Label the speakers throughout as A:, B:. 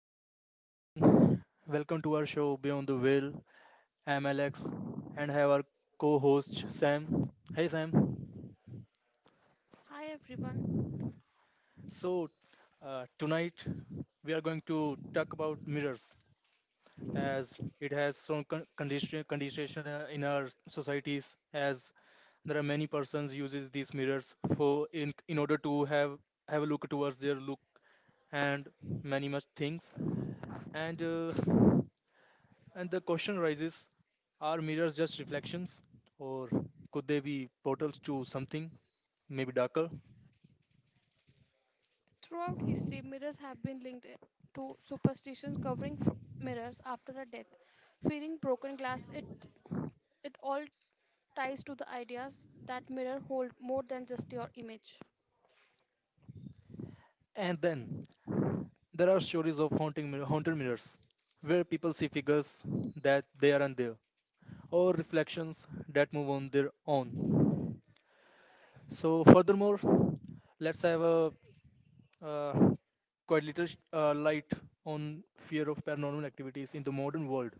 A: Hello everyone. Welcome to our show Beyond the Veil. I'm Alex and have our co-host Sam. Hey Sam.
B: Hi everyone.
A: So Tonight we are going to talk about mirrors as it has some condition in our societies as there are many persons uses these mirrors for in order to have a look towards their look and many much things and uh, And the question arises, are mirrors just reflections, or could they be portals to something, maybe darker?
B: Throughout history, mirrors have been linked to superstitions covering mirrors after a death. Fearing broken glass, it all ties to the ideas that mirror hold more than just your image.
A: And then there are stories of haunted mirrors, where people see figures that they aren't there, or reflections that move on their own. So, furthermore, let's have a uh, quite little light on fear of paranormal activities in the modern world,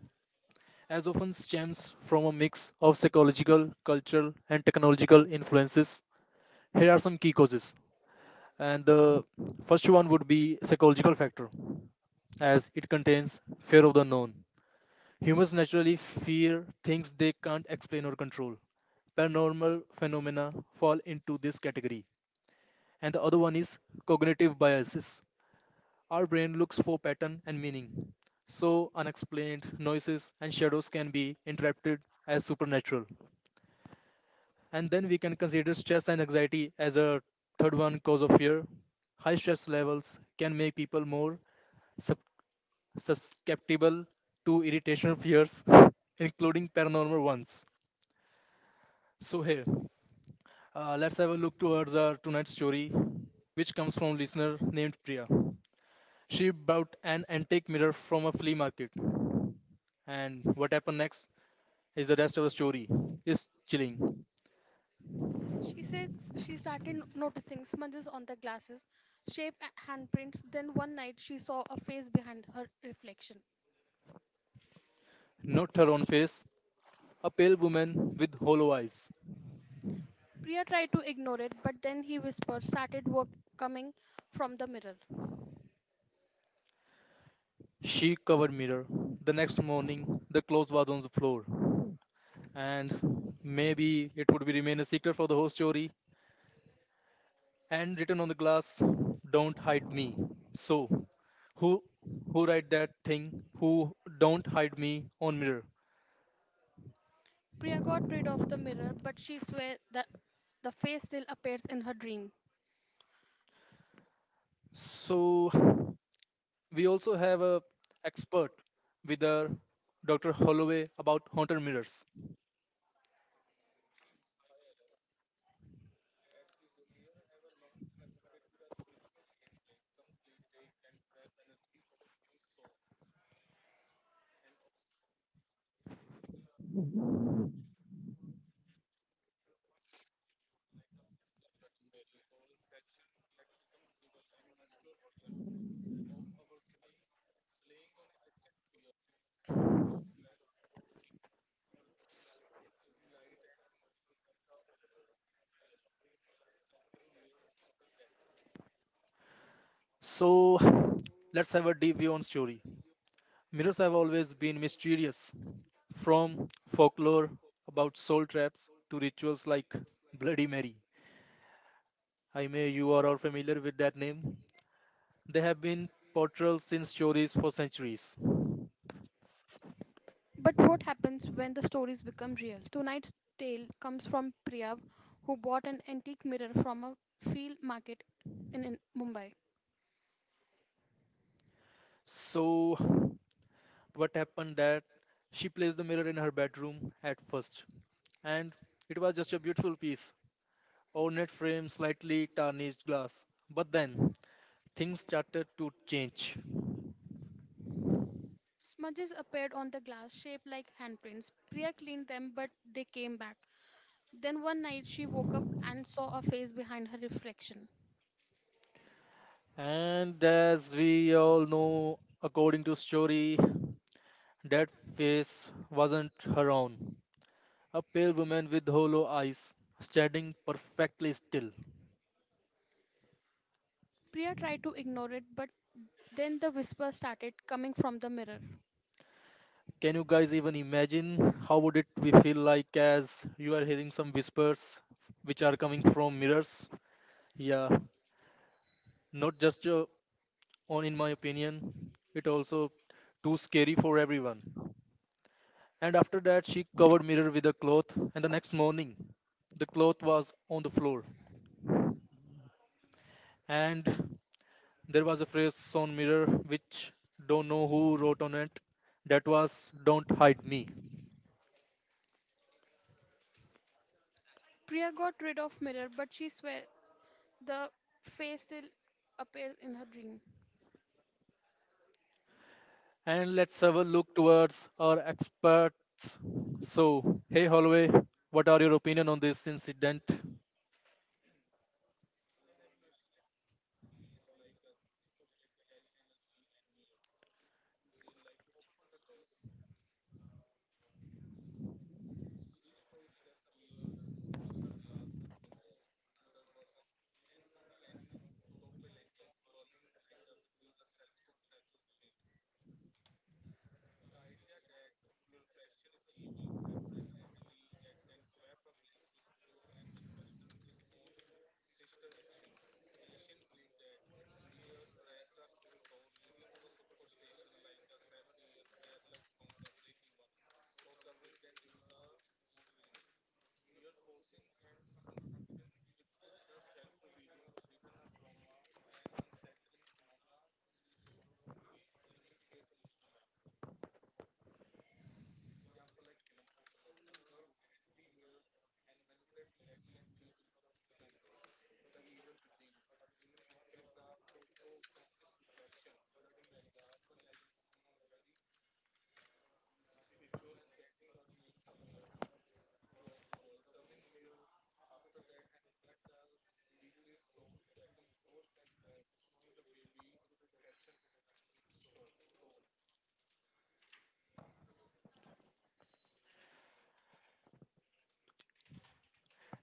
A: as often stems from a mix of psychological, cultural, and technological influences. Here are some key causes. And the first one would be psychological factor, as it contains fear of the known. Humans naturally fear things they can't explain or control. Paranormal phenomena fall into this category. And the other one is cognitive biases. Our brain looks for pattern and meaning. So unexplained noises and shadows can be interpreted as supernatural. And then we can consider stress and anxiety as a third one cause of fear. High stress levels can make people more sup- susceptible to irritation fears, including paranormal ones. So here, let's have a look towards our tonight's story, which comes from listener named Priya. She bought an antique mirror from a flea market. And what happened next is the rest of the story. Is chilling.
B: She says she started noticing smudges on the glasses, handprints. Then one night she saw a face behind her reflection.
A: Not her own face, a pale woman with hollow eyes.
B: Priya tried to ignore it, but then he whispered started work coming from the mirror.
A: She covered mirror. The next morning, the clothes was on the floor. And maybe it would be remain a secret for the whole story. And written on the glass, don't hide me. So, who who write that thing? Who don't hide me on mirror?
B: Priya got rid of the mirror, but she swears that the face still appears in her dream.
A: So we also have a expert with our Dr. Holloway about haunted mirrors. So let's have a deep view on story. Mirrors have always been mysterious, from folklore about soul traps to rituals like Bloody Mary. I may you are all familiar with that name. They have been portrayals in stories for centuries.
B: But what happens when the stories become real? Tonight's tale comes from Priya, who bought an antique mirror from a field market in Mumbai.
A: So, what happened that she placed the mirror in her bedroom at first, and it was just a beautiful piece. Or net frame slightly tarnished glass. But then things started to change.
B: Smudges appeared on the glass, shaped like handprints. Priya cleaned them, but they came back. Then one night she woke up and saw a face behind her reflection.
A: And as we all know, according to story, that face wasn't her own. A pale woman with hollow eyes, standing perfectly still.
B: Priya tried to ignore it, but then the whisper started coming from the mirror.
A: Can you guys even imagine how would it we feel like as you are hearing some whispers which are coming from mirrors? Yeah, not just on in my opinion, it also too scary for everyone. And after that, she covered mirror with a cloth. And the next morning, the cloth was on the floor. And there was a phrase on mirror which don't know who wrote on it. That was "Don't hide me."
B: Priya got rid of mirror, but she swear the face still appears in her dream.
A: And let's have a look towards our experts. So, hey Holloway, what are your opinion on this incident?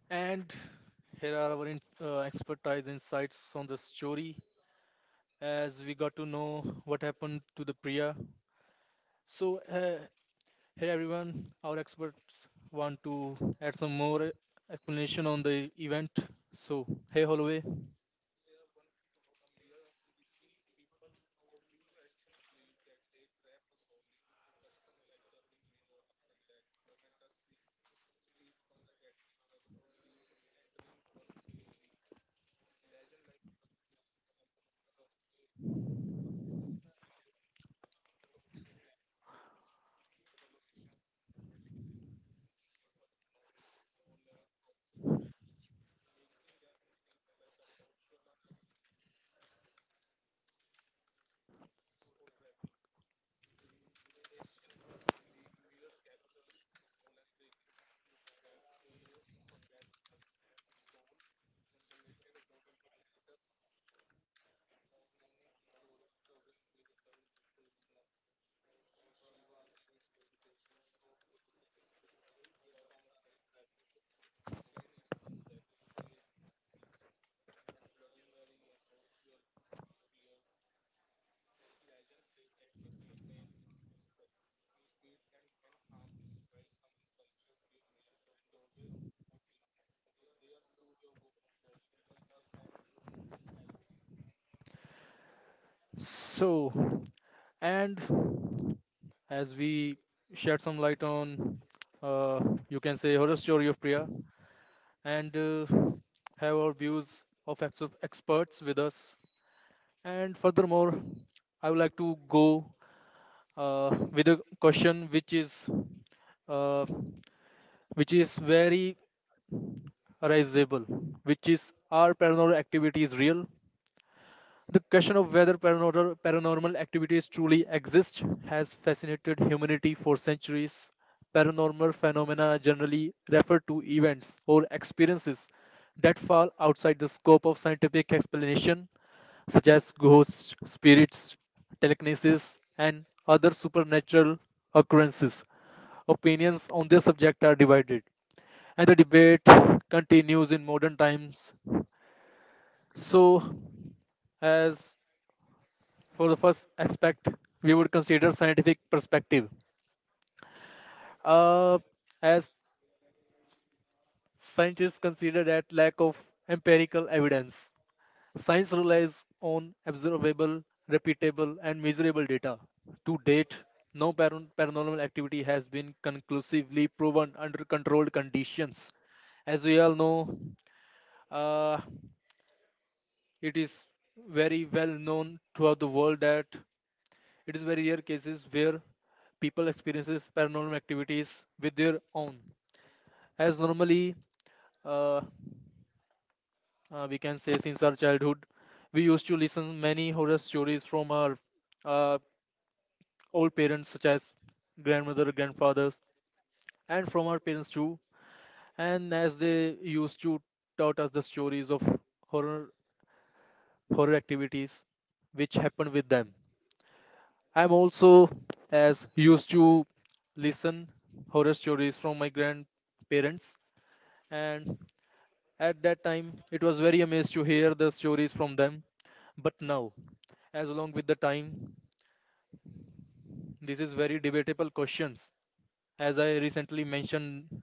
A: And here are our expertise insights on the story as we got to know what happened to the Priya. So, uh, Hey everyone, our experts want to add some more explanation on the event. So, hey Holloway. So, and as we shed some light on, uh, you can say horror story of Priya, and have our views of experts with us. And furthermore, I would like to go with a question which is uh, very raisable, which is are paranormal activities real? The question of whether paranormal activities truly exist has fascinated humanity for centuries. Paranormal phenomena generally refer to events or experiences that fall outside the scope of scientific explanation, such as ghosts, spirits, telekinesis, and other supernatural occurrences. Opinions on this subject are divided, and the debate continues in modern times. So, as for the first aspect, we would consider scientific perspective. Uh, as scientists consider that lack of empirical evidence, science relies on observable, repeatable, and measurable data. To date, no paranormal activity has been conclusively proven under controlled conditions. As we all know, uh, it is very well known throughout the world that it is very rare cases where people experiences paranormal activities with their own. As normally, uh, we can say since our childhood, we used to listen many horror stories from our uh, old parents, such as grandmother, grandfathers, and from our parents too. And as they used to taught us the stories of horror horror activities which happened with them. I'm also as used to listen horror stories from my grandparents, and at that time it was very amazed to hear the stories from them. But now as along with the time, this is very debatable questions, as I recently mentioned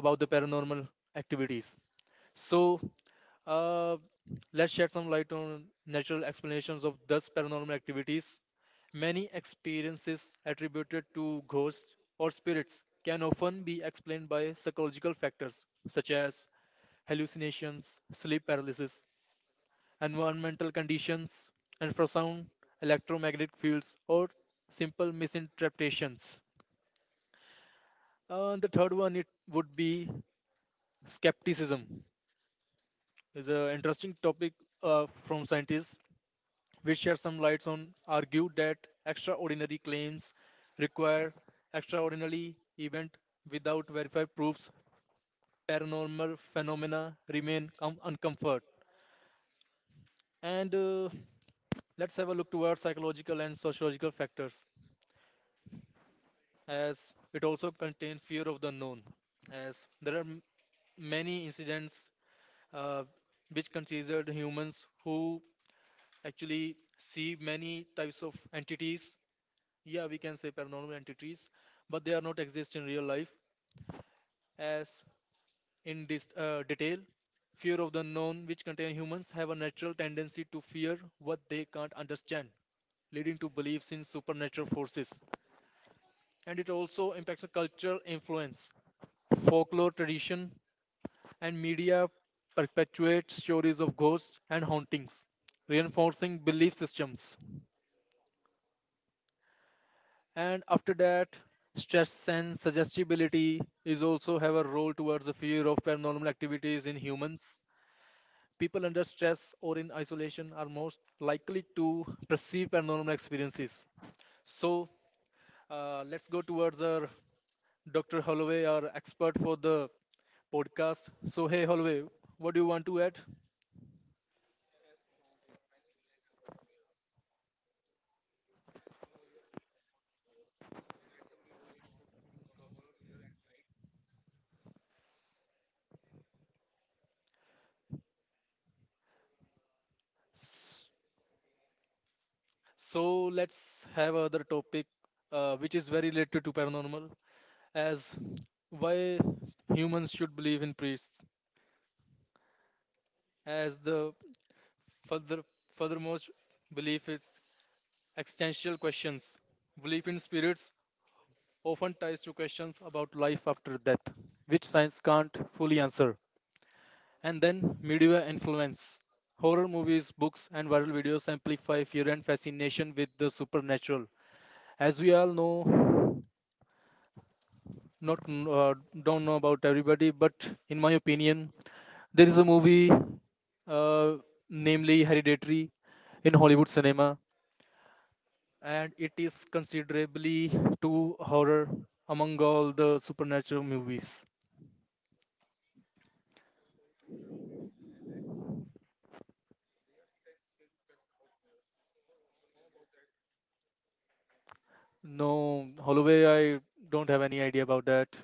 A: about the paranormal activities. So, uh, let's shed some light on natural explanations of these paranormal activities. Many experiences attributed to ghosts or spirits can often be explained by psychological factors such as hallucinations, sleep paralysis, environmental conditions, infrasound, electromagnetic fields, or simple misinterpretations. The third one it would be skepticism. Is an interesting topic from scientists which shed some lights on, argued that extraordinary claims require extraordinary event without verified proofs. Paranormal phenomena remain uncomfort. And let's have a look towards psychological and sociological factors, as it also contains fear of the unknown, as there are many incidents uh, which considered humans who actually see many types of entities, yeah, we can say paranormal entities, but they are not exist in real life. As in detail, fear of the known which contain humans have a natural tendency to fear what they can't understand, leading to beliefs in supernatural forces. And it also impacts the cultural influence, folklore tradition, and media perpetuate stories of ghosts and hauntings, reinforcing belief systems. And after that, stress and suggestibility is also have a role towards the fear of paranormal activities in humans. People under stress or in isolation are most likely to perceive paranormal experiences. So let's go towards our Dr. Holloway, our expert for the podcast. So hey Holloway, what do you want to add? So let's have other topic which is very related to paranormal, as why humans should believe in priests, as the further furthermost belief is existential questions. Belief in spirits often ties to questions about life after death, which science can't fully answer. And then media influence. Horror movies, books, and viral videos amplify fear and fascination with the supernatural. As we all know, not kn- don't know about everybody, but in my opinion, there is a movie, uh, namely Hereditary, in Hollywood cinema, and it is considerably to horror among all the supernatural movies. No, Holloway, I don't have any idea about that.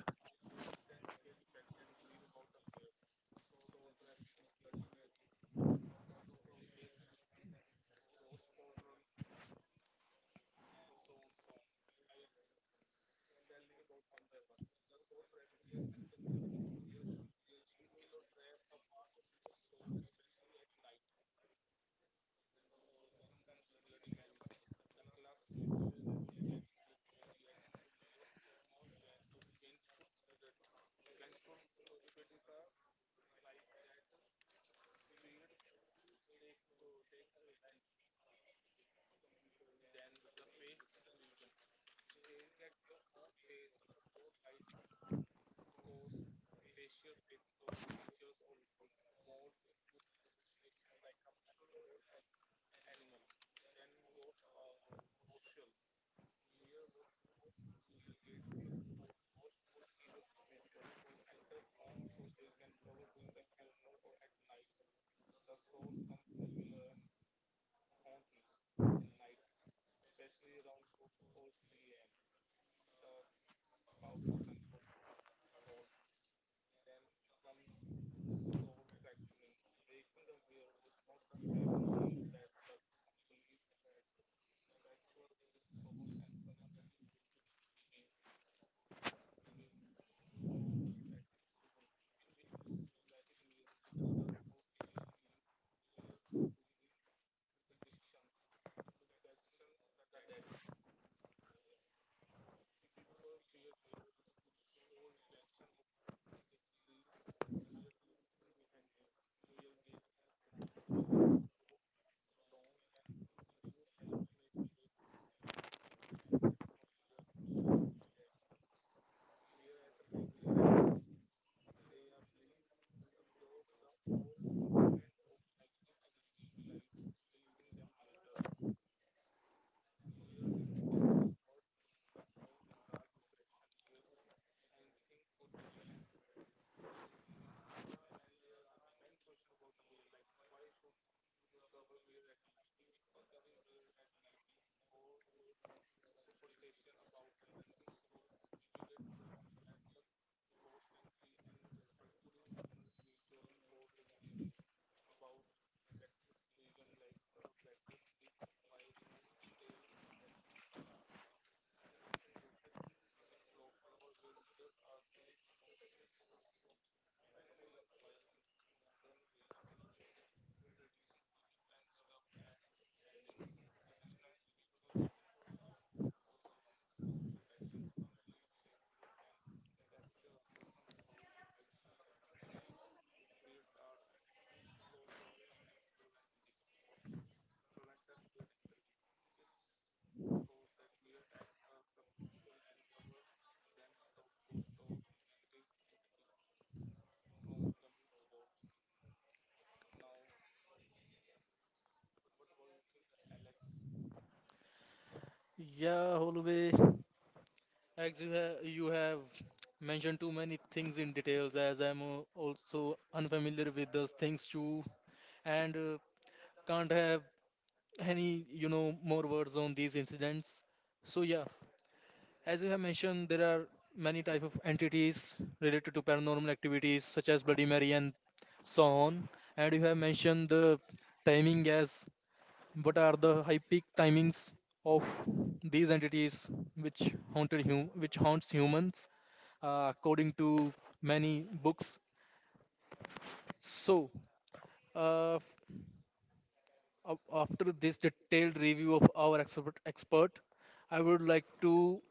A: Yeah, Holloway, as you have mentioned too many things in details, as I'm also unfamiliar with those things too, and can't have any more words on these incidents. So yeah, as I have mentioned, there are many type of entities related to paranormal activities such as Bloody Mary and so on. And you have mentioned the timing, as what are the high peak timings of these entities which which haunts humans, according to many books. So uh, After this detailed review of our expert, I would like to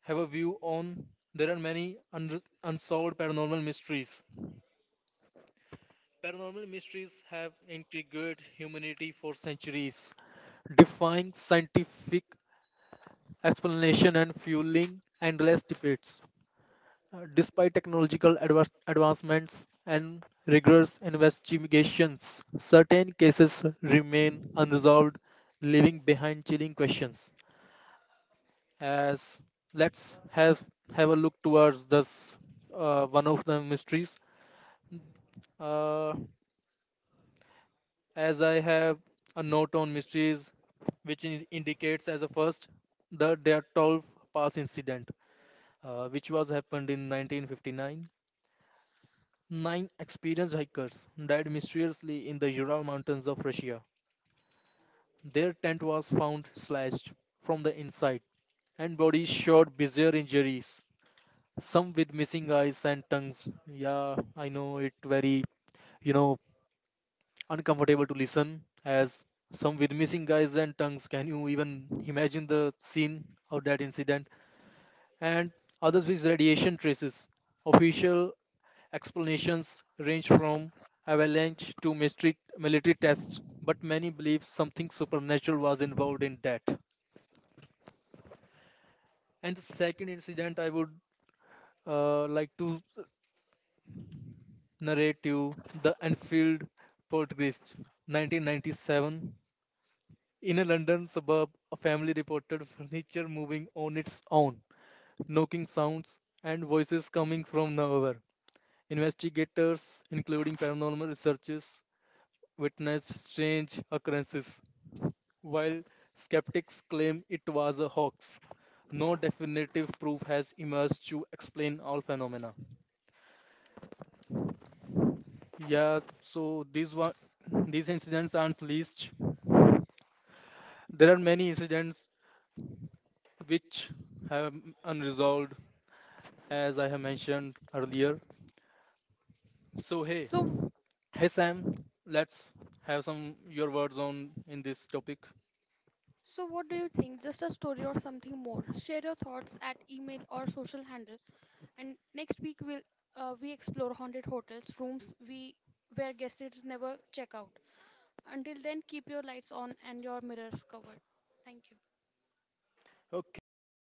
A: have a view on there are many unsolved paranormal mysteries. Paranormal mysteries have intrigued humanity for centuries, defying scientific explanation and fueling endless debates. Despite technological advancements and rigorous investigations, certain cases remain unresolved, leaving behind chilling questions. As let's have a look towards this one of the mysteries. uh, as I have a note on mysteries which indicates as a first the their 12 pass incident which was happened in 1959. Nine experienced hikers died mysteriously in the Ural mountains of Russia. Their tent was found slashed from the inside and bodies showed bizarre injuries, some with missing eyes and tongues. Yeah, I know it very, you know, uncomfortable to listen as some with missing eyes and tongues. Can you even imagine the scene of that incident? And others with radiation traces. Official explanations range from avalanche to mystery, military tests, but many believe something supernatural was involved in that. And the second incident I would like to narrative The Enfield Poltergeist, 1997. In a London suburb, a family reported furniture moving on its own, knocking sounds, and voices coming from nowhere. Investigators, including paranormal researchers, witnessed strange occurrences, while skeptics claim it was a hoax. No definitive proof has emerged to explain all phenomena. Yeah, so these incidents aren't least. There are many incidents which have unresolved, as I have mentioned earlier. So
B: So,
A: hey Sam, let's have some your words on in this topic.
B: so, what do you think? Just a story or something more? Share your thoughts at email or social handle. And next week we'll we explore haunted hotels, rooms we where guests never check out. Until then, keep your lights on and your mirrors covered. Thank you.
A: Okay, everyone.